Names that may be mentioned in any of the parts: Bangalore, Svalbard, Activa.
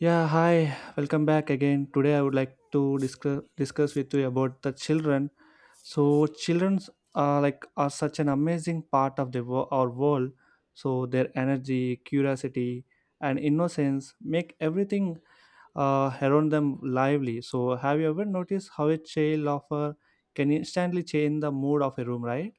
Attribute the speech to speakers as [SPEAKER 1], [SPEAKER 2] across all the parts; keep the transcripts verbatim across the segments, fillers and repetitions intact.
[SPEAKER 1] Yeah, hi. Welcome back again. Today I would like to discuss discuss with you about the children. So children are like are such an amazing part of the wo- our world. So their energy, curiosity, and innocence make everything uh, around them lively. So have you ever noticed how a child offer can instantly change the mood of a room, right?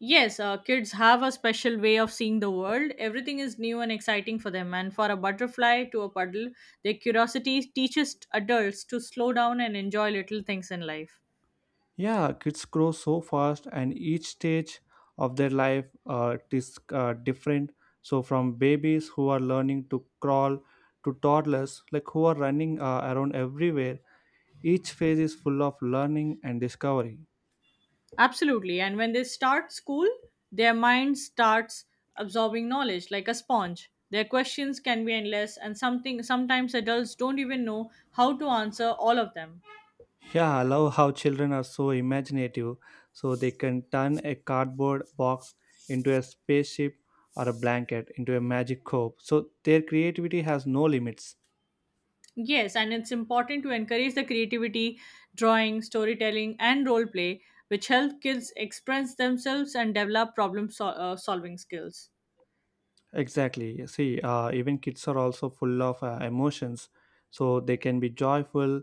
[SPEAKER 2] Yes, uh, kids have a special way of seeing the world. Everything is new and exciting for them. And for a butterfly to a puddle, their curiosity teaches adults to slow down and enjoy little things in life.
[SPEAKER 1] Yeah, kids grow so fast, and each stage of their life uh, is uh, different. So, from babies who are learning to crawl to toddlers, like who are running uh, around everywhere, each phase is full of learning and discovery.
[SPEAKER 2] Absolutely. And when they start school, their mind starts absorbing knowledge like a sponge. Their questions can be endless, and something sometimes adults don't even know how to answer all of them.
[SPEAKER 1] Yeah, I love how children are so imaginative. So, they can turn a cardboard box into a spaceship or a blanket into a magic cope. So, their creativity has no limits.
[SPEAKER 2] Yes, and it's important to encourage the creativity, drawing, storytelling, and role play, which help kids express themselves and develop problem sol- uh, solving skills.
[SPEAKER 1] Exactly. See, uh, even kids are also full of uh, emotions. So they can be joyful,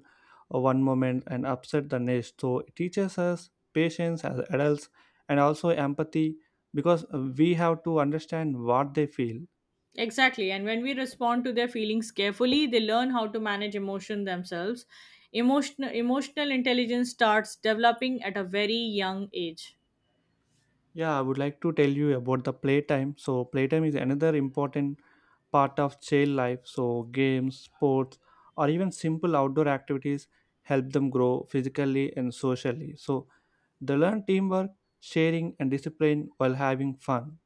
[SPEAKER 1] uh, one moment and upset the next. So it teaches us patience as adults and also empathy because uh, we have to understand what they feel.
[SPEAKER 2] Exactly, and when we respond to their feelings carefully, they learn how to manage emotion themselves. Emotional emotional intelligence starts developing at a very young age.
[SPEAKER 1] Yeah, I would like to tell you about the playtime. So, playtime is another important part of child life. So, games, sports, or even simple outdoor activities help them grow physically and socially. So, they learn teamwork, sharing, and discipline while having fun.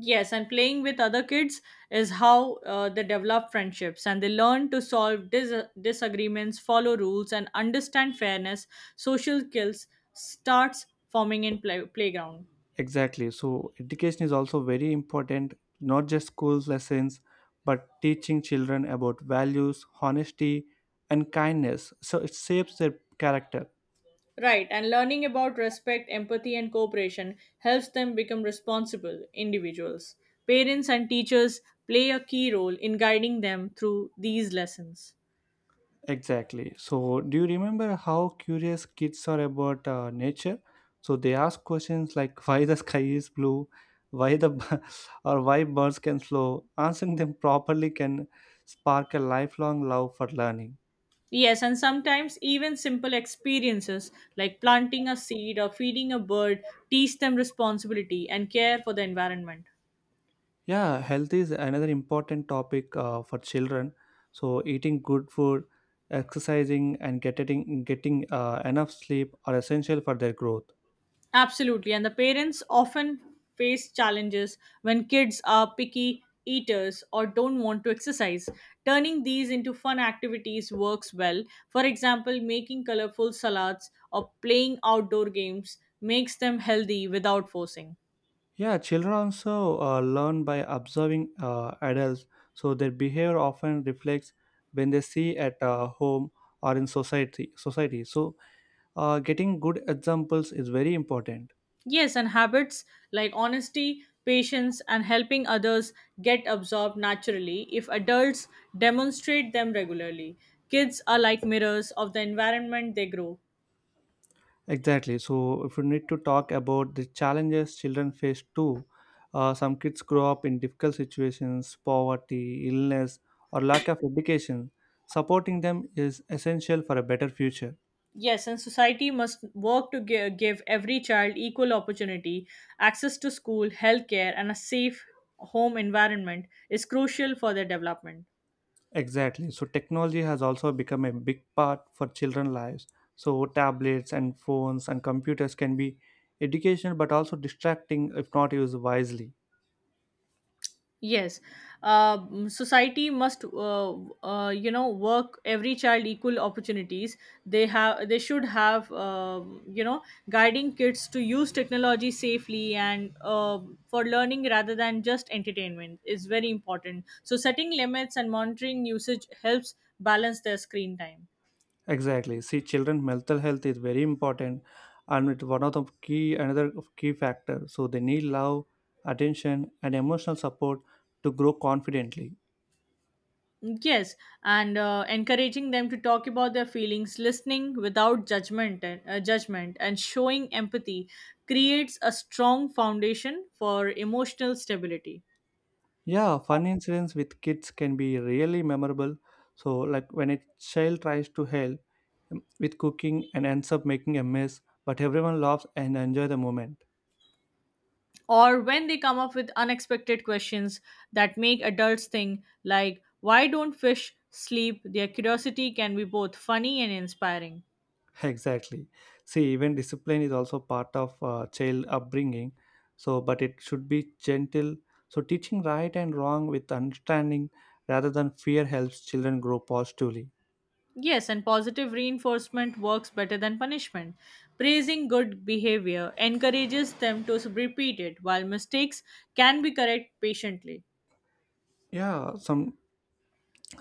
[SPEAKER 2] Yes, and playing with other kids is how uh, they develop friendships and they learn to solve dis- disagreements, follow rules, and understand fairness. Social skills starts forming in play- playground.
[SPEAKER 1] Exactly. So, education is also very important, not just school lessons, but teaching children about values, honesty, and kindness. So, it shapes their character.
[SPEAKER 2] Right, and learning about respect, empathy, and cooperation helps them become responsible individuals. Parents and teachers play a key role in guiding them through these lessons.
[SPEAKER 1] Exactly. So, do you remember how curious kids are about uh, nature? So they ask questions like why the sky is blue, why the b- or why birds can fly. Answering them properly can spark a lifelong love for learning.
[SPEAKER 2] Yes, and sometimes even simple experiences like planting a seed or feeding a bird teach them responsibility and care for the environment.
[SPEAKER 1] Yeah, health is another important topic uh, for children. So eating good food, exercising, and getting getting uh, enough sleep are essential for their growth.
[SPEAKER 2] Absolutely, and the parents often face challenges when kids are picky eaters or don't want to exercise. Turning these into fun activities works well. For example, making colorful salads or playing outdoor games makes them healthy without forcing.
[SPEAKER 1] Yeah, children also uh, learn by observing uh, adults, so their behavior often reflects when they see at uh, home or in society. Society, so uh, getting good examples is very important.
[SPEAKER 2] Yes, and habits like honesty, patience, and helping others get absorbed naturally if adults demonstrate them regularly. Kids are like mirrors of the environment they grow.
[SPEAKER 1] Exactly. So if you need to talk about the challenges children face too, uh, some kids grow up in difficult situations, poverty, illness, or lack of education. Supporting them is essential for a better future.
[SPEAKER 2] Yes, and society must work to gi- give every child equal opportunity. Access to school, healthcare, and a safe home environment is crucial for their development.
[SPEAKER 1] Exactly. So technology has also become a big part for children' lives. So tablets and phones and computers can be educational but also distracting if not used wisely.
[SPEAKER 2] Yes, uh, mm, society must, uh, uh, you know, work every child equal opportunities. They have, they should have, um you know, guiding kids to use technology safely and uh, for learning rather than just entertainment is very important. So setting limits and monitoring usage helps balance their screen time.
[SPEAKER 1] Exactly. See, children' mental health is very important and it's one of the key another of key factor. So they need love, attention, and emotional support to grow confidently.
[SPEAKER 2] Yes, and uh, encouraging them to talk about their feelings, listening without judgment, and, uh, judgment, and showing empathy creates a strong foundation for emotional stability.
[SPEAKER 1] Yeah, fun incidents with kids can be really memorable. So, like when a child tries to help um, with cooking and ends up making a mess, but everyone laughs and enjoy the moment.
[SPEAKER 2] Or when they come up with unexpected questions that make adults think, like, "Why don't fish sleep?" Their curiosity can be both funny and inspiring.
[SPEAKER 1] Exactly. See, even discipline is also part of uh, child upbringing. So, but it should be gentle. So, teaching right and wrong with understanding rather than fear helps children grow positively.
[SPEAKER 2] Yes, and positive reinforcement works better than punishment. Praising good behavior encourages them to repeat it, while mistakes can be corrected patiently.
[SPEAKER 1] Yeah, some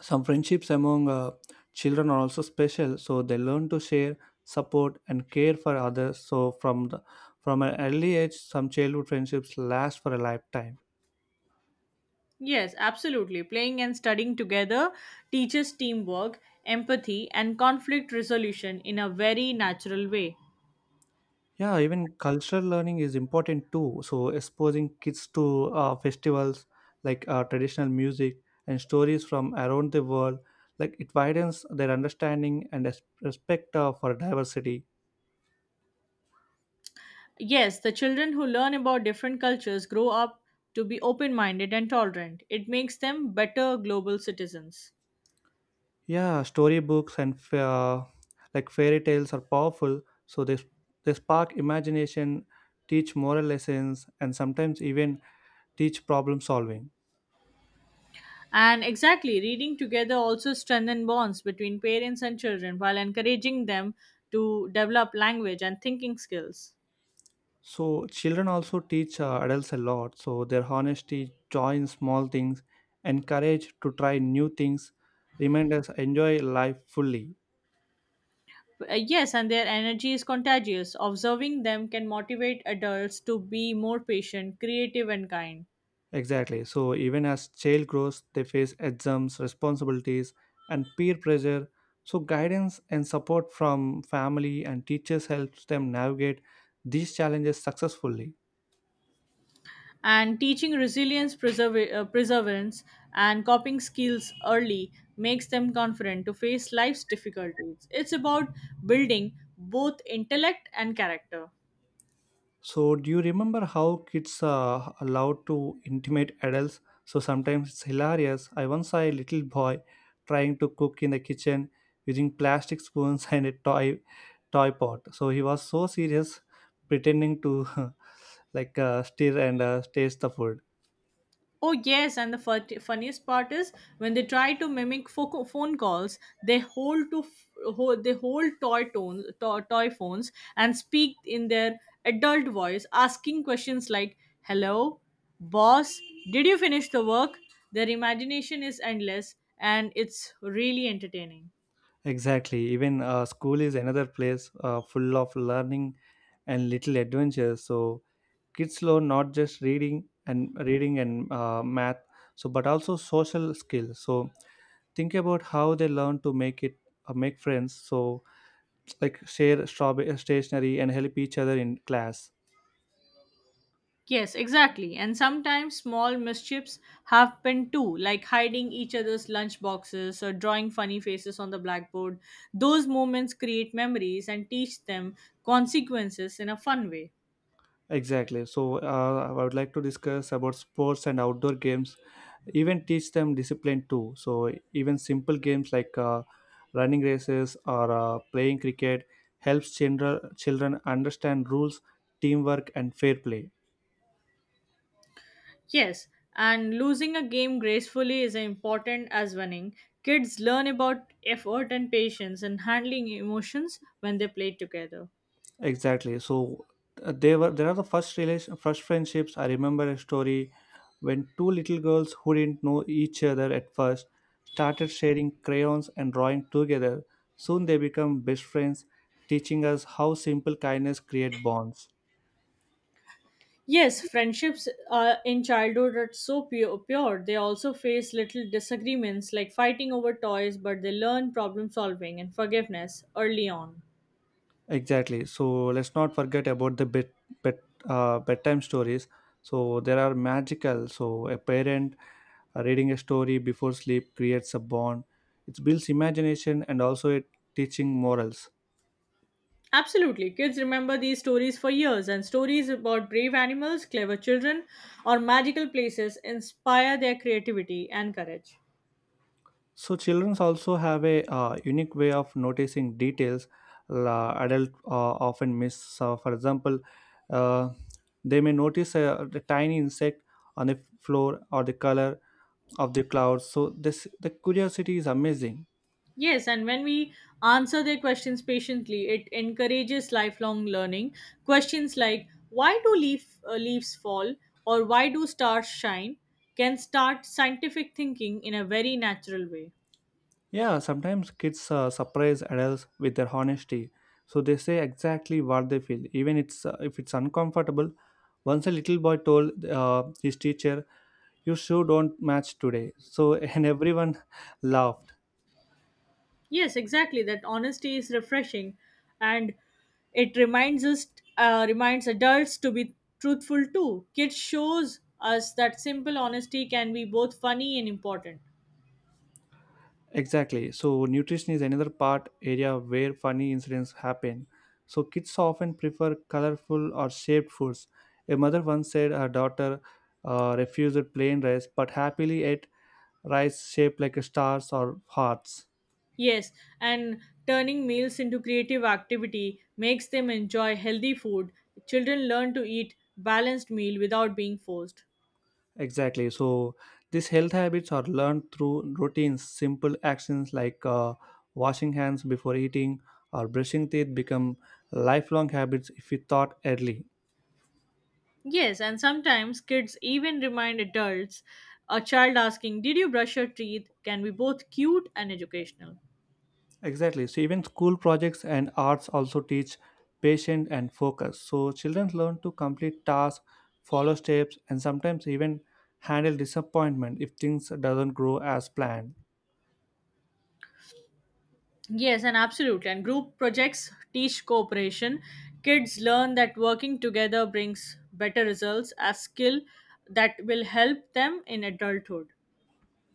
[SPEAKER 1] Some friendships among uh, children are also special, so they learn to share, support, and care for others. So from the, from an early age, some childhood friendships last for a lifetime.
[SPEAKER 2] Yes, absolutely. Playing and studying together teaches teamwork, empathy, and conflict resolution in a very natural way.
[SPEAKER 1] Yeah, even cultural learning is important too. So exposing kids to uh, festivals like uh, traditional music and stories from around the world, like it widens their understanding and res- respect uh, for diversity.
[SPEAKER 2] Yes, the children who learn about different cultures grow up to be open minded and tolerant. It makes them better global citizens.
[SPEAKER 1] Yeah, storybooks and f- uh, like fairy tales are powerful, so they they spark imagination, teach moral lessons, and sometimes even teach problem solving.
[SPEAKER 2] And exactly, reading together also strengthen bonds between parents and children while encouraging them to develop language and thinking skills.
[SPEAKER 1] So children also teach uh, adults a lot. So their honesty, joy in small things, and courage to try new things remind us enjoy life fully.
[SPEAKER 2] Uh, yes, and their energy is contagious. Observing them can motivate adults to be more patient, creative, and kind.
[SPEAKER 1] Exactly. So even as child grows, they face exams, responsibilities, and peer pressure. So guidance and support from family and teachers helps them navigate these challenges successfully.
[SPEAKER 2] And teaching resilience, preserv- uh, perseverance, and coping skills early makes them confident to face life's difficulties. It's about building both intellect and character.
[SPEAKER 1] So, do you remember how kids are allowed to intimidate adults? So, sometimes it's hilarious. I once saw a little boy trying to cook in the kitchen using plastic spoons and a toy toy pot. So, he was so serious, pretending to like uh, stir and uh, taste the food.
[SPEAKER 2] Oh yes, and the fut- funniest part is when they try to mimic fo- phone calls, they hold to f- hold, they hold toy tones, to- toy phones, and speak in their adult voice, asking questions like "Hello, boss, did you finish the work?" Their imagination is endless, and it's really entertaining.
[SPEAKER 1] Exactly. Even uh, school is another place uh, full of learning and little adventures. So, kids learn not just reading and reading and uh, math, so but also social skills, so think about how they learn to make it uh, make friends, so like share strawberry stationery and help each other in class.
[SPEAKER 2] Yes, exactly. And sometimes small mischiefs happen too, like hiding each other's lunch boxes or drawing funny faces on the blackboard. Those moments create memories and teach them consequences in a fun way.
[SPEAKER 1] Exactly. So uh, I would like to discuss about sports and outdoor games, even teach them discipline too. So even simple games like uh, running races or uh, playing cricket helps children children understand rules, teamwork, and fair play.
[SPEAKER 2] Yes, and losing a game gracefully is important as winning. Kids learn about effort and patience and handling emotions when they play together.
[SPEAKER 1] Exactly. So uh, they were there are the first relation first friendships. I remember a story when two little girls who didn't know each other at first started sharing crayons and drawing together. Soon they become best friends, teaching us how simple kindness create bonds.
[SPEAKER 2] Yes, friendships uh, in childhood are so pure, pure. They also face little disagreements like fighting over toys, but they learn problem solving and forgiveness early on.
[SPEAKER 1] Exactly. So let's not forget about the bed, bed, uh, bedtime stories. So there are magical. So a parent uh, reading a story before sleep creates a bond. It builds imagination and also it teaching morals.
[SPEAKER 2] Absolutely. Kids remember these stories for years, and stories about brave animals, clever children, or magical places inspire their creativity and courage.
[SPEAKER 1] So children also have a uh, unique way of noticing details la adult uh, often miss. So for example, uh, they may notice a, a tiny insect on the floor or the color of the clouds. So this the curiosity is amazing.
[SPEAKER 2] Yes, and when we answer their questions patiently, it encourages lifelong learning. Questions like why do leaf, uh, leaves fall or why do stars shine can start scientific thinking in a very natural way.
[SPEAKER 1] Yeah, sometimes kids uh, surprise adults with their honesty. So they say exactly what they feel, even it's, uh, if it's uncomfortable. Once a little boy told uh, his teacher, "You shoe don't match today," so and everyone laughed.
[SPEAKER 2] Yes, exactly. That honesty is refreshing and it reminds us uh, reminds adults to be truthful too. Kids shows us that simple honesty can be both funny and important.
[SPEAKER 1] Exactly. So nutrition is another part area where funny incidents happen. So kids often prefer colorful or shaped foods. A mother once said her daughter uh, refused plain rice but happily ate rice shaped like stars or hearts.
[SPEAKER 2] Yes, and turning meals into creative activity makes them enjoy healthy food. Children learn to eat balanced meal without being forced.
[SPEAKER 1] Exactly. So these health habits are learned through routines. Simple actions like uh, washing hands before eating or brushing teeth become lifelong habits if we thought early.
[SPEAKER 2] Yes, and sometimes kids even remind adults a child asking, "Did you brush your teeth?" can be both cute and educational.
[SPEAKER 1] Exactly. So even school projects and arts also teach patience and focus. So children learn to complete tasks, follow steps, and sometimes even handle disappointment if things doesn't grow as planned.
[SPEAKER 2] Yes, and absolutely. And group projects teach cooperation. Kids learn that working together brings better results. A skill that will help them in adulthood.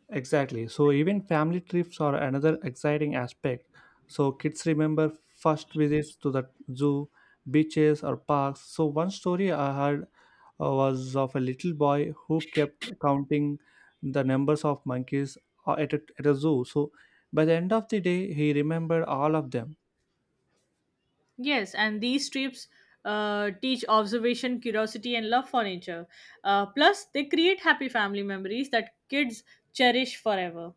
[SPEAKER 1] Exactly. So even family trips are another exciting aspect. So kids remember first visits to the zoo, beaches or parks. So one story I heard uh, was of a little boy who kept counting the numbers of monkeys uh, at a, at a zoo. So by the end of the day, he remembered all of them.
[SPEAKER 2] Yes, and these trips uh, teach observation, curiosity, and love for nature. Uh, plus, they create happy family memories that kids cherish forever.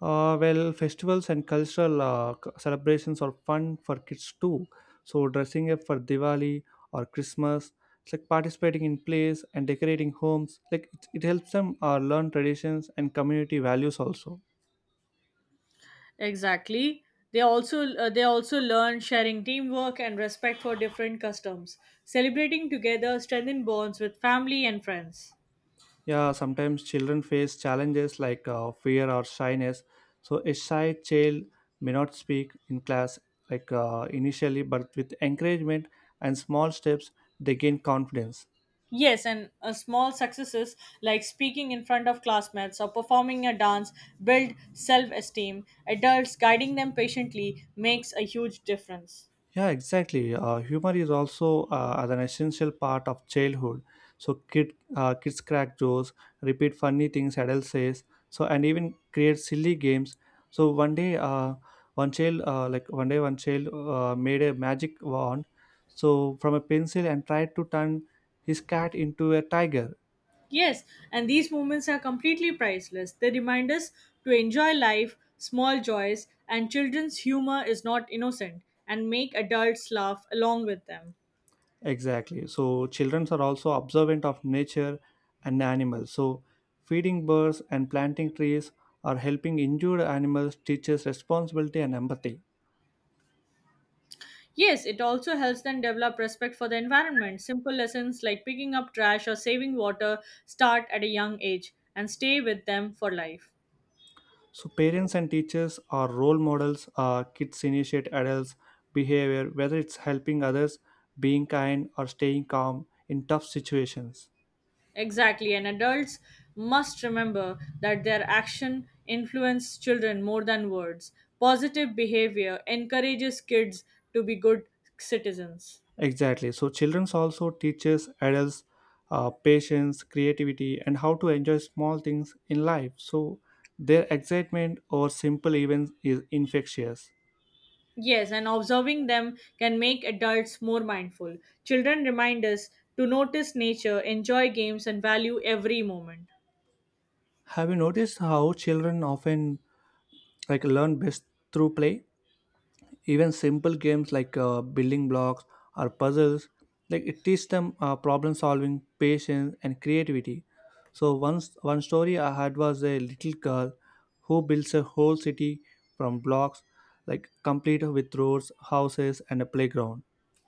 [SPEAKER 1] Uh, well, festivals and cultural uh, c- celebrations are fun for kids too. So, dressing up for Diwali or Christmas, it's like participating in plays and decorating homes. Like it, it helps them uh, learn traditions and community values also.
[SPEAKER 2] Exactly. They also uh, they also learn sharing teamwork and respect for different customs. Celebrating together strengthen bonds with family and friends.
[SPEAKER 1] Yeah, sometimes children face challenges like uh, fear or shyness. So, a shy child may not speak in class like uh, initially, but with encouragement and small steps, they gain confidence.
[SPEAKER 2] Yes, and uh, small successes like speaking in front of classmates or performing a dance build self-esteem. Adults guiding them patiently makes a huge difference.
[SPEAKER 1] Yeah, exactly. Uh, humor is also uh, as an essential part of childhood. So kid, uh, kids crack jokes, repeat funny things adults says, so and even create silly games. So one day, uh, one child, uh, like one day, one child uh, made a magic wand, so from a pencil and tried to turn his cat into a tiger.
[SPEAKER 2] Yes, and these moments are completely priceless. They remind us to enjoy life, small joys, and children's humor is not innocent, and make adults laugh along with them.
[SPEAKER 1] Exactly. So children are also observant of nature and animals. So feeding birds and planting trees or helping injured animals teaches responsibility and empathy.
[SPEAKER 2] Yes, it also helps them develop respect for the environment. Simple lessons like picking up trash or saving water start at a young age and stay with them for life.
[SPEAKER 1] So parents and teachers are role models. Uh, kids initiate adults' behavior, whether it's helping others, being kind, or staying calm in tough situations.
[SPEAKER 2] Exactly, and adults must remember that their action influences children more than words. Positive behavior encourages kids to be good citizens.
[SPEAKER 1] Exactly. So children also teaches adults uh, patience, creativity, and how to enjoy small things in life. So their excitement over simple events is infectious.
[SPEAKER 2] Yes, and observing them can make adults more mindful. Children remind us to notice nature, enjoy games, and value every moment.
[SPEAKER 1] Have you noticed how children often like learn best through play? Even simple games like uh, building blocks or puzzles, like it teaches them uh, problem solving, patience, and creativity. So once one story I had was a little girl who builds a whole city from blocks, like complete with roads, houses, and a playground.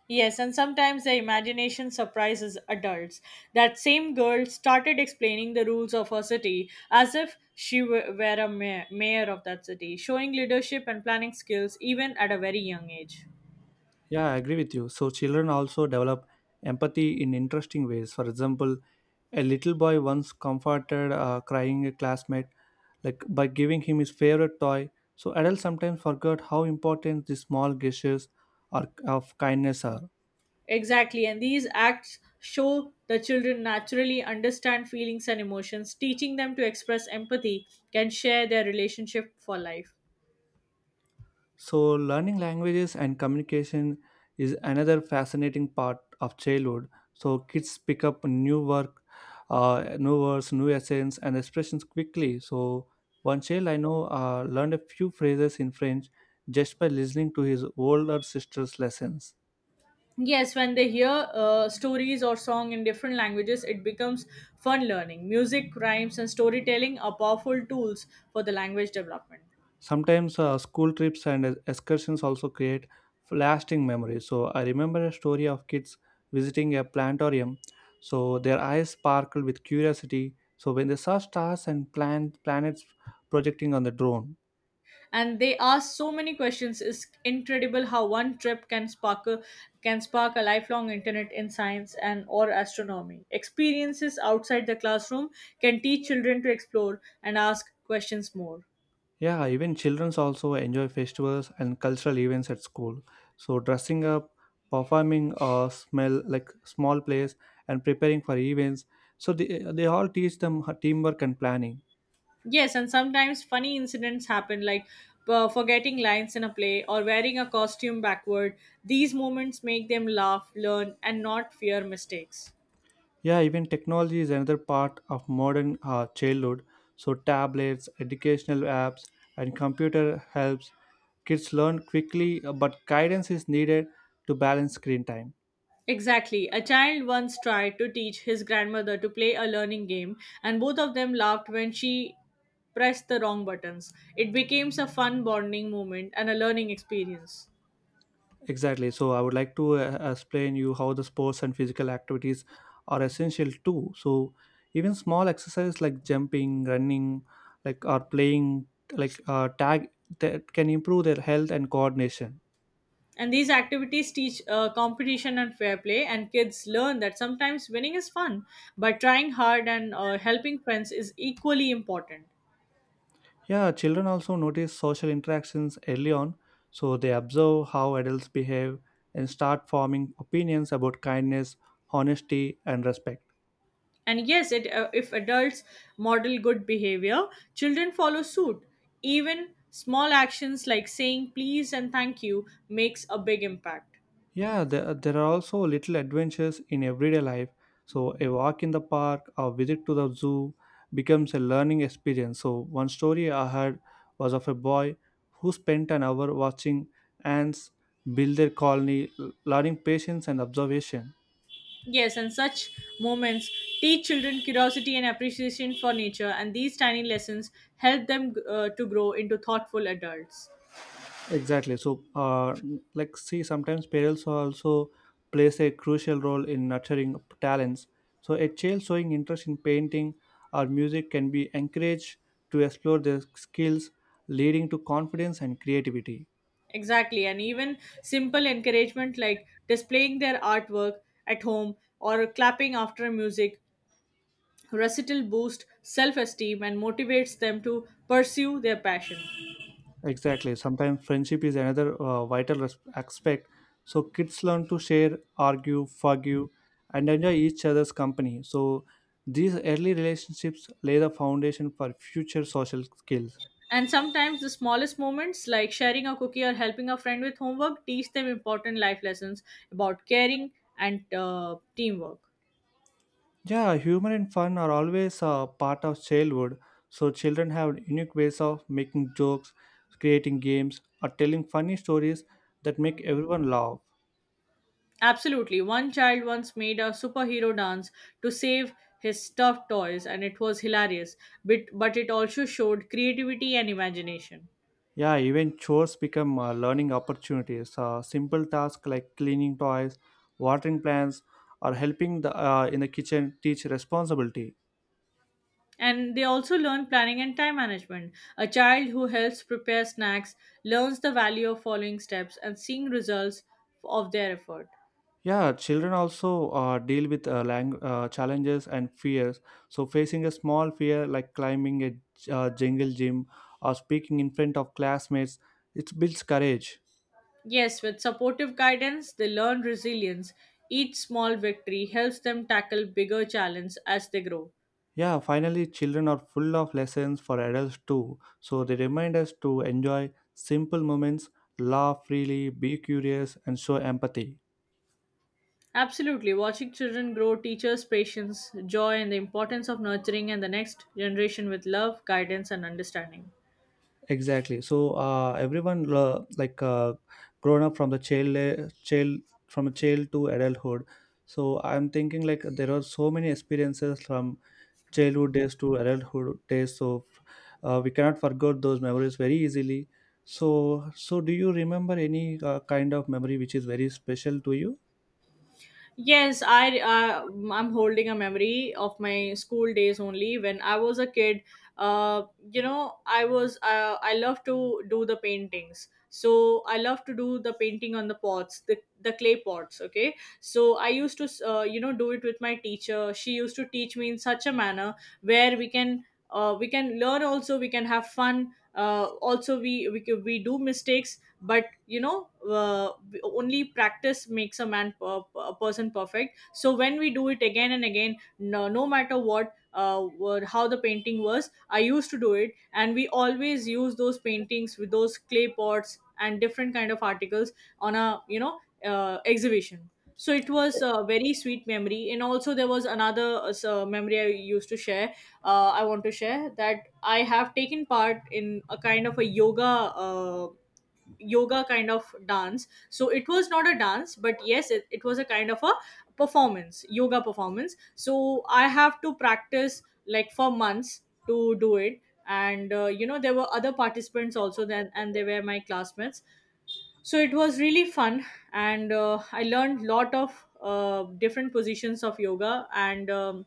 [SPEAKER 2] Yes, and sometimes the imagination surprises adults. That same girl started explaining the rules of her city as if she were were a ma- mayor of that city, showing leadership and planning skills even at a very young age.
[SPEAKER 1] Yeah, I agree with you. So children also develop empathy in interesting ways. For example, a little boy once comforted a crying a classmate like by giving him his favorite toy. So adults sometimes forget how important these small gestures are of kindness are.
[SPEAKER 2] Exactly, and these acts show the children naturally understand feelings and emotions, teaching them to express empathy and share their relationship for life.
[SPEAKER 1] So, learning languages and communication is another fascinating part of childhood. So, kids pick up new work, uh, new words, new accents, and expressions quickly. So, one child I know uh, learned a few phrases in French just by listening to his older sister's lessons.
[SPEAKER 2] Yes, when they hear uh, stories or song in different languages, it becomes fun learning. Music, rhymes, and storytelling are powerful tools for the language development.
[SPEAKER 1] Sometimes uh, school trips and excursions also create lasting memories. So I remember a story of kids visiting a planetarium. So their eyes sparkled with curiosity. So when they saw stars and plant planets projecting on the drone.
[SPEAKER 2] And they ask so many questions. It's incredible how one trip can spark a, can spark a lifelong internet in science and or astronomy. Experiences outside the classroom can teach children to explore and ask questions more.
[SPEAKER 1] Yeah, even children also enjoy festivals and cultural events at school. So dressing up, performing or smell like small plays and preparing for events. So they, they all teach them teamwork and planning.
[SPEAKER 2] Yes, and sometimes funny incidents happen like uh, forgetting lines in a play or wearing a costume backward. These moments make them laugh, learn, and not fear mistakes.
[SPEAKER 1] Yeah, even technology is another part of modern uh, childhood. So tablets, educational apps, and computer helps kids learn quickly, uh, but guidance is needed to balance screen time.
[SPEAKER 2] Exactly. A child once tried to teach his grandmother to play a learning game, and both of them laughed when she pressed the wrong buttons. It became a fun bonding moment and a learning experience.
[SPEAKER 1] Exactly. So I would like to uh, explain you how the sports and physical activities are essential too. So even small exercise like jumping, running, like or playing like uh, tag that can improve their health and coordination.
[SPEAKER 2] And these activities teach uh, competition and fair play, and kids learn that sometimes winning is fun, but trying hard and uh, helping friends is equally important.
[SPEAKER 1] Yeah, children also notice social interactions early on, so they observe how adults behave and start forming opinions about kindness, honesty, and respect.
[SPEAKER 2] And yes, it, uh, if adults model good behavior, children follow suit. Even small actions like saying please and thank you makes a big impact.
[SPEAKER 1] Yeah, there, there are also little adventures in everyday life. So, a walk in the park or visit to the zoo becomes a learning experience. So, one story I heard was of a boy who spent an hour watching ants build their colony, l- learning patience and observation.
[SPEAKER 2] Yes, and such moments teach children curiosity and appreciation for nature, and these tiny lessons help them uh, to grow into thoughtful adults.
[SPEAKER 1] Exactly. So, uh, like, see, sometimes parents also plays a crucial role in nurturing talents. So, a child showing interest in painting or music can be encouraged to explore their skills, leading to confidence and creativity.
[SPEAKER 2] Exactly, and even simple encouragement like displaying their artwork at home or clapping after music, recital boost self esteem and motivates them to pursue their passion.
[SPEAKER 1] Exactly. Sometimes friendship is another uh, vital res- aspect. So, kids learn to share, argue, forgive, and enjoy each other's company. So, these early relationships lay the foundation for future social skills.
[SPEAKER 2] And sometimes the smallest moments like sharing a cookie or helping a friend with homework teach them important life lessons about caring and uh, teamwork.
[SPEAKER 1] Yeah, humor and fun are always a part of childhood. So children have unique ways of making jokes, creating games, or telling funny stories that make everyone laugh.
[SPEAKER 2] Absolutely. One child once made a superhero dance to save his stuffed toys, and it was hilarious. But, but it also showed creativity and imagination.
[SPEAKER 1] Yeah, even chores become uh, learning opportunities. Uh, simple tasks like cleaning toys, watering plants, or helping the uh, in the kitchen teach responsibility.
[SPEAKER 2] And they also learn planning and time management. A child who helps prepare snacks learns the value of following steps and seeing results of their effort.
[SPEAKER 1] Yeah, children also uh, deal with uh, lang- uh, challenges and fears. So, facing a small fear like climbing a j- uh, jungle gym or speaking in front of classmates, it builds courage.
[SPEAKER 2] Yes, with supportive guidance, they learn resilience. Each small victory helps them tackle bigger challenges as they grow.
[SPEAKER 1] Yeah, finally, children are full of lessons for adults too. So, they remind us to enjoy simple moments, laugh freely, be curious, and show empathy.
[SPEAKER 2] Absolutely. Watching children grow teaches patience, joy, and the importance of nurturing and the next generation with love, guidance, and understanding.
[SPEAKER 1] Exactly. So uh, everyone uh, like uh, grown up from the child le- child from a child to adulthood. So I'm thinking like there are so many experiences from childhood days to adulthood days. So uh, we cannot forget those memories very easily. So so do you remember any uh, kind of memory which is very special to you?
[SPEAKER 2] Yes, I uh, I'm holding a memory of my school days only. When I was a kid, uh, you know, I was uh, I love to do the paintings. So I love to do the painting on the pots, the the clay pots. Okay, so I used to uh, you know do it with my teacher. She used to teach me in such a manner where we can. Uh, we can learn, also we can have fun, uh, also we, we c- we do mistakes, but you know, uh, only practice makes a man per- a person perfect. So when we do it again and again, no, no matter what, uh, were- how the painting was, I used to do it. And we always use those paintings with those clay pots and different kind of articles on a you know uh, exhibition. So it was a very sweet memory. And also there was another, uh, so- memory I used to share. uh, I want to share that I have taken part in a kind of a yoga uh, yoga kind of dance. So it was not a dance, but yes, it, it was a kind of a performance, yoga performance. So I have to practice like for months to do it. And uh, you know, there were other participants also then, and they were my classmates, so it was really fun. And uh, I learned lot of uh, different positions of yoga. and um,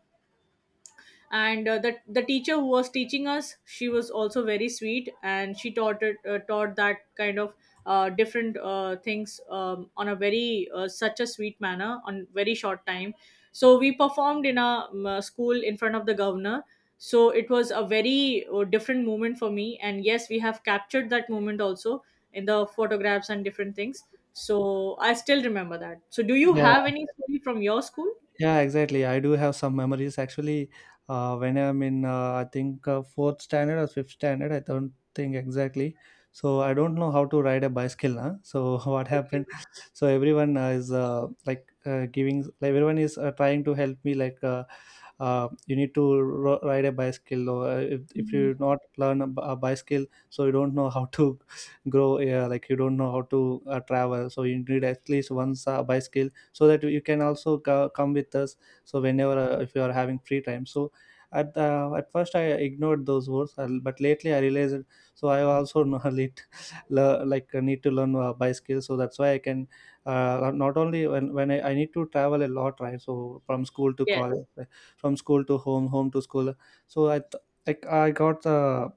[SPEAKER 2] and uh, the the teacher who was teaching us, she was also very sweet, and she taught it, uh, taught that kind of uh, different uh, things um, on a very uh, such a sweet manner on very short time. So we performed in a um, uh, school in front of the governor. So it was a very uh, different moment for me, and yes, we have captured that moment also in the photographs and different things. So I still remember that. So do you
[SPEAKER 1] Yeah.
[SPEAKER 2] have any story from your school?
[SPEAKER 1] Yeah, exactly. I do have some memories actually. Uh, when I'm in, uh, I think uh, fourth standard or fifth standard, I don't think exactly. So I don't know how to ride a bicycle now. So what
[SPEAKER 2] Okay.
[SPEAKER 1] happened? So everyone uh, is uh, like uh, giving, like everyone is uh, trying to help me. Like uh, uh, you need to ro- ride a bicycle, or uh, if, if
[SPEAKER 2] Mhm.
[SPEAKER 1] you not learn a, b- a bicycle, so you don't know how to grow. Yeah, like you don't know how to uh, travel. So you need at least once a bicycle so that you can also co- come with us. So whenever uh, if you are having free time, so at uh, at first I ignored those words, uh, but lately I realized it. So I also know a lit- le- like uh, need to learn uh, by skill. So that's why I can uh, not only when, when I, I need to travel a lot right, so from school to college
[SPEAKER 2] Yes,
[SPEAKER 1] like, from school to home, home to school. So i th- like I got the,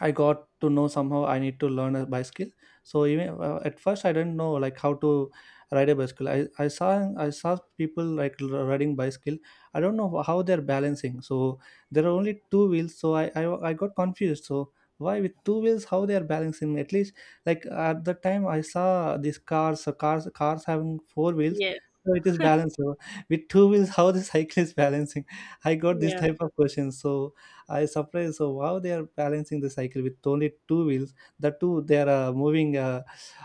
[SPEAKER 1] I got to know somehow I need to learn a bicycle. So even uh, at first I didn't know like how to ride a bicycle. I, I saw, I saw people like l- riding bicycle. I don't know how they're balancing. So there are only two wheels. So I I, I got confused. So why with two wheels how they are balancing? At least like at the time I saw these cars uh, cars cars having four wheels.
[SPEAKER 2] yes.
[SPEAKER 1] So it is balanced. So with two wheels how the cycle is balancing. I got this
[SPEAKER 2] Yeah.
[SPEAKER 1] type of questions. So I surprised. So how they are balancing the cycle with only two wheels? The two they are uh, moving Uh,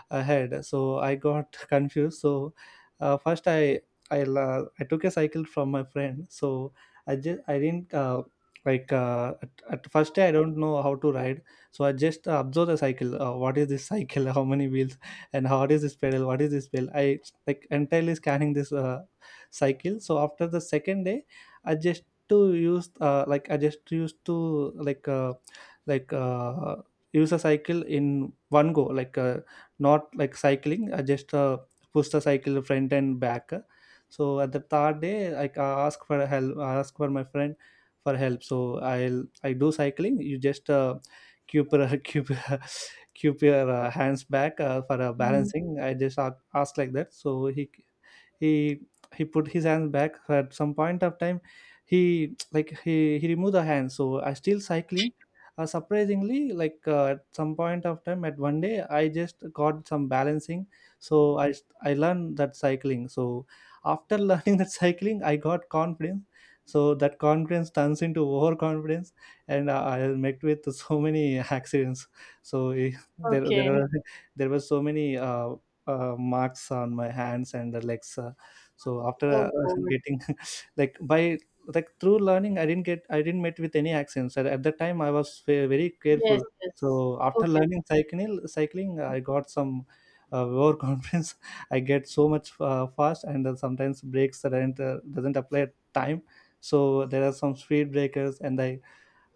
[SPEAKER 1] ahead. So I got confused. So uh, first i I, la- I took a cycle from my friend. So I just I didn't uh, like uh, at, at first day I don't know how to ride. So I just uh, observe the cycle, uh, what is this cycle, how many wheels and how is this pedal, what is this pedal? I like entirely scanning this uh, cycle. So after the second day I just to use uh, like I just used to like uh, like uh, use a cycle in one go like uh, not like cycling, I just uh, push the cycle front and back. So at the third day like I ask for help, I ask for my friend for help. So I'll, I do cycling, you just uh, keep your keep, your- keep your uh, hands back uh, for uh,
[SPEAKER 2] Mhm.
[SPEAKER 1] balancing. I just a- ask like that. So he he he put his hands back at some point of time. He like he he removed the hands, so I still cycling. Uh, surprisingly like uh, at some point of time at one day I just got some balancing. So i i learned that cycling. So after learning that cycling I got confidence. So that confidence turns into overconfidence, and uh, I met with so many accidents. So eh, there
[SPEAKER 2] Okay.
[SPEAKER 1] there are, there were so many uh, uh, marks on my hands and the legs. Uh, so after uh,
[SPEAKER 2] Oh, good.
[SPEAKER 1] getting like by like through learning, I didn't get I didn't met with any accidents. At, at that time, I was ve- very
[SPEAKER 2] Yes,
[SPEAKER 1] careful.
[SPEAKER 2] yes.
[SPEAKER 1] So after
[SPEAKER 2] Okay.
[SPEAKER 1] learning cycling, cycling, I got some uh, overconfidence. I get so much uh, fast, and uh, sometimes brakes that aren't, uh, doesn't apply at time. So there are some speed breakers, and I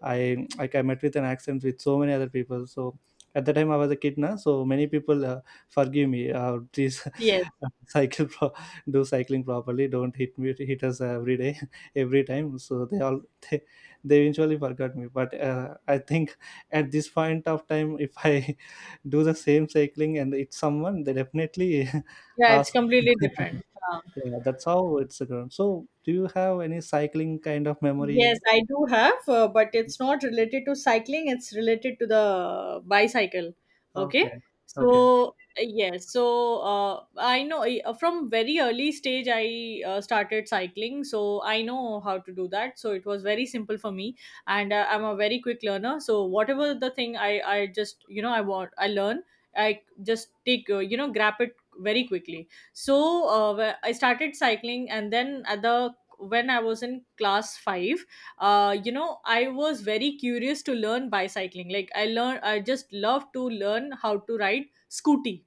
[SPEAKER 1] I like I met with an accent with so many other people. So at the time I was a kid now, so many people uh, forgive me. Uh, please
[SPEAKER 2] Yes.
[SPEAKER 1] cycle pro- do cycling properly. Don't hit me, hit us every day, every time. So they all they, they eventually forgot me. But uh, I think at this point of time, if I do the same cycling and it's someone, they definitely
[SPEAKER 2] Yeah, it's
[SPEAKER 1] ask.
[SPEAKER 2] completely different. Uh,
[SPEAKER 1] Yeah, that's how it's going. So do you have any cycling kind of memory?
[SPEAKER 2] Yes, I do have, uh, but it's not related to cycling, it's related to the bicycle. Okay.
[SPEAKER 1] Okay. Okay.
[SPEAKER 2] So, yes, so uh, I know, uh, from very early stage I uh, started cycling, so I know how to do that. So it was very simple for me, and uh, I'm a very quick learner. So whatever the thing I I just, you know, I want I learn, I just take, uh, you know, grab it very quickly. So uh, wh- I started cycling, and then at the, when I was in class five, uh, you know, I was very curious to learn bicycling. Like I learned, I just love to learn how to ride scooty.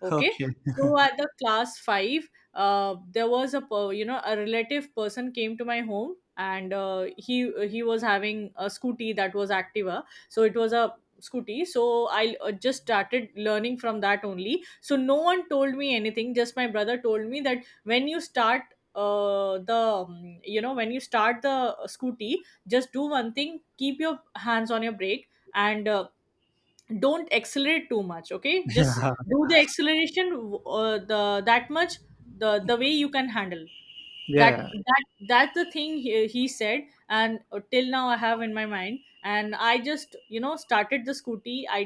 [SPEAKER 2] Okay,
[SPEAKER 1] Okay.
[SPEAKER 2] so at the class five, uh, there was a per- you know, a relative person came to my home, and uh, he he was having a scooty, that was Activa. So it was a scooty. So I, uh, just started learning from that only. So no one told me anything. Just my brother told me that when you start, uh, the um, you know, when you start the scooty, just do one thing, keep your hands on your brake, and uh, don't accelerate too much, okay? Just do the acceleration uh, the that much, the the way you can handle
[SPEAKER 1] Yeah,
[SPEAKER 2] that
[SPEAKER 1] yeah,
[SPEAKER 2] that that's the thing he, he said. And uh, till now I have in my mind. And I just, you know, started the scooty. i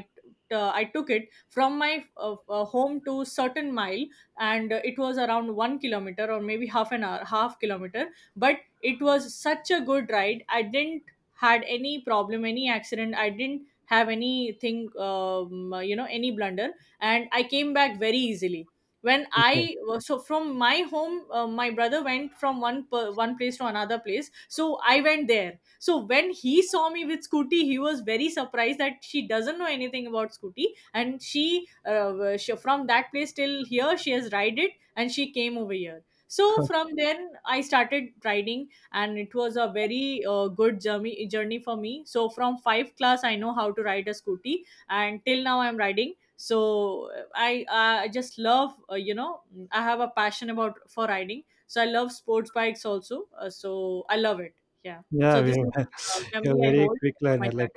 [SPEAKER 2] uh, i took it from my uh, uh, home to certain mile. And uh, it was around one kilometer, or maybe half an hour, half kilometer. But it was such a good ride, I didn't had any problem, any accident. I didn't have anything, um, you know, any blunder. And I came back very easily. when
[SPEAKER 1] okay.
[SPEAKER 2] i so from my home, uh, my brother went from one per, one place to another place. So I went there. So when he saw me with scooty, he was very surprised that she doesn't know anything about scooty. And she, uh, uh, she from that place till here she has ride it, and she came over here. So from then I started riding. And it was a very uh, good journey journey for me. So from five class I know how to ride a scooty, and till now I'm riding. So uh, i i just love, uh, you know, I have a passion about for riding. So I love sports bikes also, uh, so I love it. Yeah.
[SPEAKER 1] Yeah,
[SPEAKER 2] So this
[SPEAKER 1] you're
[SPEAKER 2] is a
[SPEAKER 1] you're
[SPEAKER 2] memory I
[SPEAKER 1] very
[SPEAKER 2] hold
[SPEAKER 1] quick
[SPEAKER 2] from my,
[SPEAKER 1] learner. Like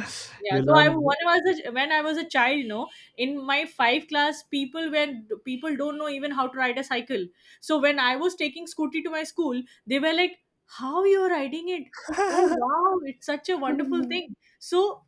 [SPEAKER 2] yeah,
[SPEAKER 1] you
[SPEAKER 2] so I,
[SPEAKER 1] learn.
[SPEAKER 2] when I was a, when I was a child, you know, in my five class, people, when people don't know even how to ride a cycle. So when I was taking scooty to my school, they were like, "How you're riding it? Oh wow, it's such a wonderful thing." So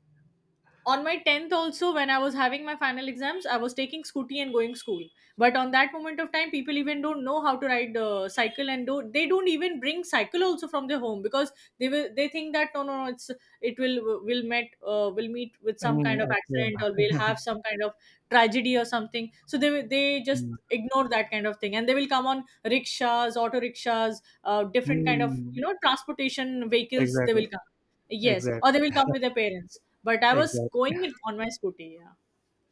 [SPEAKER 2] on my tenth also, when I was having my final exams, I was taking scooty and going school. But on that moment of time, people even don't know how to ride the cycle, and do, they don't even bring cycle also from their home, because they will, they think that no no no it's, it will will met, uh, will meet with some
[SPEAKER 1] Mm,
[SPEAKER 2] kind of
[SPEAKER 1] excellent.
[SPEAKER 2] accident, or will have some kind of tragedy or something. So they will- they just
[SPEAKER 1] Mm,
[SPEAKER 2] ignore that kind of thing, and they will come on rickshaws, auto rickshaws, uh, different kind of,
[SPEAKER 1] mm,
[SPEAKER 2] you know, transportation vehicles, they
[SPEAKER 1] exactly,
[SPEAKER 2] will come. Yes, or
[SPEAKER 1] exactly,
[SPEAKER 2] they will come with their parents. But I was
[SPEAKER 1] exactly.
[SPEAKER 2] going in on my scooty. Yeah.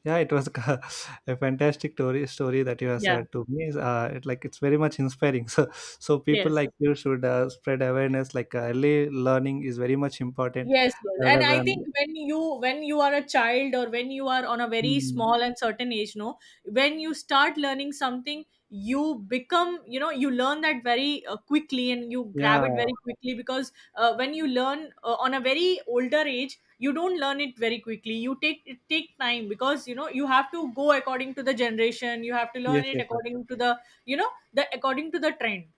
[SPEAKER 1] Yeah, it was a fantastic story story that you have
[SPEAKER 2] Yeah.
[SPEAKER 1] said to me. Uh, it, like it's very much inspiring. So, so people
[SPEAKER 2] Yes.
[SPEAKER 1] like you should uh, spread awareness. Like uh, early learning is very much important,
[SPEAKER 2] Yes, yes. And
[SPEAKER 1] rather
[SPEAKER 2] I think
[SPEAKER 1] than.
[SPEAKER 2] when you, when you are a child or when you are on a very
[SPEAKER 1] Mm,
[SPEAKER 2] small and certain age, no, when you start learning something, you become, you know, you learn that very uh, quickly and you grab it
[SPEAKER 1] yeah.
[SPEAKER 2] very quickly. Because uh, when you learn uh, on a very older age, you don't learn it very quickly. You take it, take time, because you know, you have to go according to the generation. You have to learn
[SPEAKER 1] Yes.
[SPEAKER 2] it
[SPEAKER 1] Yes.
[SPEAKER 2] according to the, you know, the according to the trend.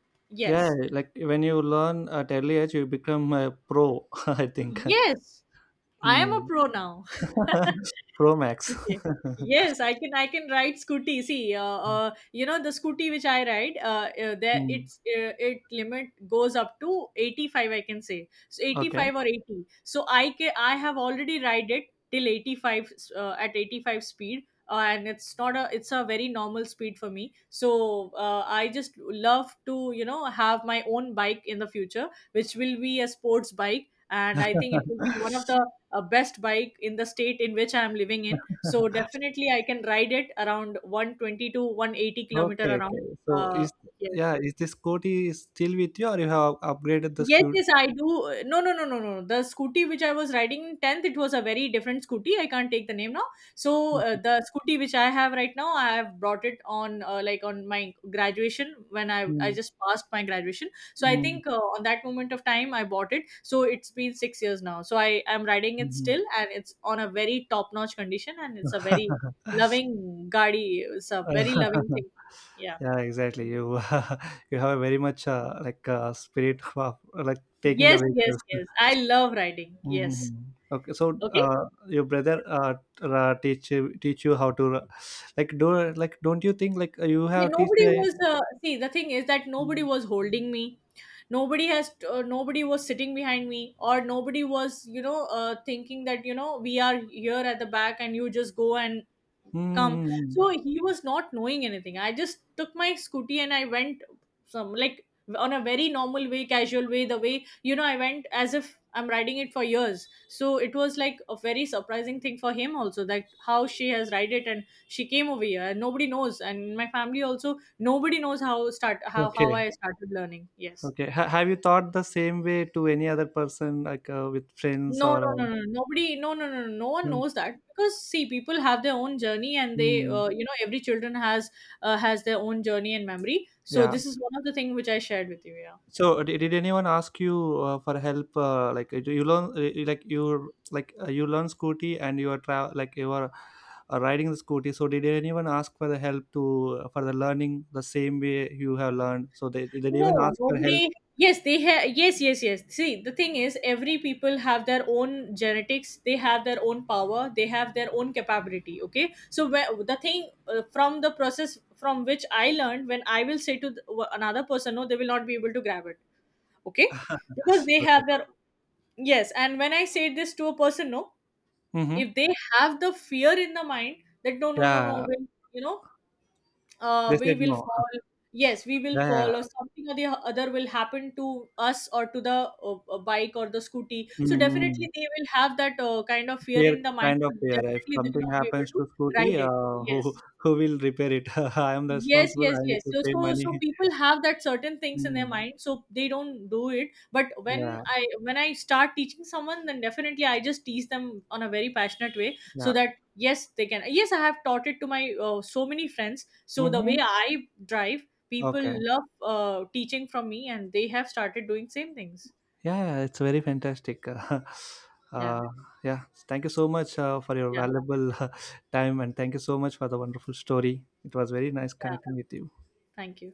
[SPEAKER 1] Yeah,
[SPEAKER 2] Yes.
[SPEAKER 1] like when you learn at early age, you become a pro, I think.
[SPEAKER 2] Yes. I am a
[SPEAKER 1] Hmm.
[SPEAKER 2] pro now.
[SPEAKER 1] Pro max.
[SPEAKER 2] Okay. Yes, I can. I can ride scooty. See, uh, uh, you know, the scooty which I ride, uh, uh, there
[SPEAKER 1] Hmm.
[SPEAKER 2] it's, uh, it limit goes up to eighty five. I can say, so eighty
[SPEAKER 1] Okay.
[SPEAKER 2] five or eighty. So I can, I have already ride it till eighty five, uh, at eighty five speed. uh, and it's not a, it's a very normal speed for me. So uh, I just love to, you know, have my own bike in the future, which will be a sports bike. And I think it will be one of the uh, best bike in the state in which I am living in. So definitely I can ride it around one twenty to one eighty kilometer
[SPEAKER 1] Okay,
[SPEAKER 2] around.
[SPEAKER 1] okay. So
[SPEAKER 2] Uh,
[SPEAKER 1] is
[SPEAKER 2] yes.
[SPEAKER 1] yeah, is the Scooty still with you or you have upgraded the
[SPEAKER 2] Yes,
[SPEAKER 1] Scoot?
[SPEAKER 2] yes, I do. Uh, No, no, no, no, no. The scooty which I was riding in tenth, it was a very different scooty. I can't take the name now. So uh, the scooty which I have right now, I have brought it on, uh, like on my graduation, when I I
[SPEAKER 1] Mm,
[SPEAKER 2] just passed my graduation. So I
[SPEAKER 1] mm,
[SPEAKER 2] think uh, on that moment of time I bought it. So it's been six years now. So I am riding it
[SPEAKER 1] mhm.
[SPEAKER 2] still, and it's on a very top-notch condition, and it's a very loving gadi. It's a very loving thing. Yeah.
[SPEAKER 1] Yeah, exactly. You you have very much uh, like uh, spirit of like taking the
[SPEAKER 2] Yes, yes,
[SPEAKER 1] vehicles.
[SPEAKER 2] yes. I love riding. Yes.
[SPEAKER 1] Mhm. Okay, so
[SPEAKER 2] Okay.
[SPEAKER 1] uh, your brother uh, t- uh, teach you- teach you how to uh, like do like don't you think like you
[SPEAKER 2] Yeah,
[SPEAKER 1] have teach
[SPEAKER 2] nobody
[SPEAKER 1] a-
[SPEAKER 2] was, uh, see the thing is that nobody was holding me, nobody has, uh, nobody was sitting behind me, or nobody was, you know, uh, thinking that, you know, we are here at the back and you just go and come.
[SPEAKER 1] Mm.
[SPEAKER 2] So he was not knowing anything. I just took my scooty and I went, some like, on a very normal way, casual way, the way, you know, I went as if I'm riding it for years. So it was like a very surprising thing for him also, that how she has ride it and she came over here, and nobody knows. And in my family also, nobody knows how start, how how
[SPEAKER 1] Okay,
[SPEAKER 2] I started learning. Yes.
[SPEAKER 1] okay. Ha- have you thought the same way to any other person like uh, with friends
[SPEAKER 2] No,
[SPEAKER 1] or uh,
[SPEAKER 2] no, no, no. Nobody, no, no, no, no. No one
[SPEAKER 1] Mm.
[SPEAKER 2] knows that. Because see, people have their own journey, and they,
[SPEAKER 1] Mm.
[SPEAKER 2] uh, you know, every children has, uh, has their own journey and memory. So
[SPEAKER 1] Yeah.
[SPEAKER 2] this is one of the thing which I shared with you. Yeah.
[SPEAKER 1] So uh, did, did anyone ask you uh, for help? Uh, like uh, you learn, uh, like you like uh, you learn Scooty and you are tra- like you are uh, riding the Scooty. So did anyone ask for the help to uh, for the learning the same way you have learned? So they they didn't even
[SPEAKER 2] No,
[SPEAKER 1] ask for help.
[SPEAKER 2] nobody. Yes, they have. Yes, yes, yes. See, the thing is, every people have their own genetics. They have their own power. They have their own capability. Okay. So where, the thing, uh, from the process from which I learned, when I will say to the, another person, no, they will not be able to grab it. Okay, because they
[SPEAKER 1] Okay.
[SPEAKER 2] have their, yes. And when I say this to a person, no,
[SPEAKER 1] Mm-hmm.
[SPEAKER 2] if they have the fear in the mind, that no, no, no, no,
[SPEAKER 1] Yeah,
[SPEAKER 2] we'll, you know, uh,
[SPEAKER 1] they
[SPEAKER 2] we
[SPEAKER 1] said
[SPEAKER 2] will
[SPEAKER 1] no.
[SPEAKER 2] fall. Yes, we will
[SPEAKER 1] Yeah,
[SPEAKER 2] fall, or something or the other will happen to us, or to the uh, uh, bike or the scooty. So
[SPEAKER 1] mm
[SPEAKER 2] definitely they will have that uh, kind of fear
[SPEAKER 1] fair
[SPEAKER 2] in the mind.
[SPEAKER 1] kind of
[SPEAKER 2] So
[SPEAKER 1] fair. If
[SPEAKER 2] definitely they will
[SPEAKER 1] something
[SPEAKER 2] not be able
[SPEAKER 1] happens to
[SPEAKER 2] to
[SPEAKER 1] Scooty,
[SPEAKER 2] ride it.
[SPEAKER 1] uh, who
[SPEAKER 2] Yes.
[SPEAKER 1] who will repair it? I am
[SPEAKER 2] Yes,
[SPEAKER 1] responsible.
[SPEAKER 2] yes,
[SPEAKER 1] I need
[SPEAKER 2] yes.
[SPEAKER 1] to
[SPEAKER 2] So,
[SPEAKER 1] pay
[SPEAKER 2] so, so
[SPEAKER 1] money.
[SPEAKER 2] people have that certain things in their
[SPEAKER 1] Mm.
[SPEAKER 2] mind, so they don't do it. But when
[SPEAKER 1] Yeah.
[SPEAKER 2] I when I start teaching someone, then definitely I just teach them on a very passionate way, so
[SPEAKER 1] Yeah.
[SPEAKER 2] that yes, they can. Yes, I have taught it to my uh, so many friends. So the way
[SPEAKER 1] Mm-hmm.
[SPEAKER 2] I drive, people
[SPEAKER 1] Okay.
[SPEAKER 2] love uh, teaching from me, and they have started doing same things.
[SPEAKER 1] Yeah, yeah, it's very fantastic.
[SPEAKER 2] Yeah,
[SPEAKER 1] Uh, yeah, thank you so much uh, for your
[SPEAKER 2] yeah,
[SPEAKER 1] valuable time, and thank you so much for the wonderful story. It was very nice
[SPEAKER 2] yeah.
[SPEAKER 1] connecting with you.
[SPEAKER 2] Thank you.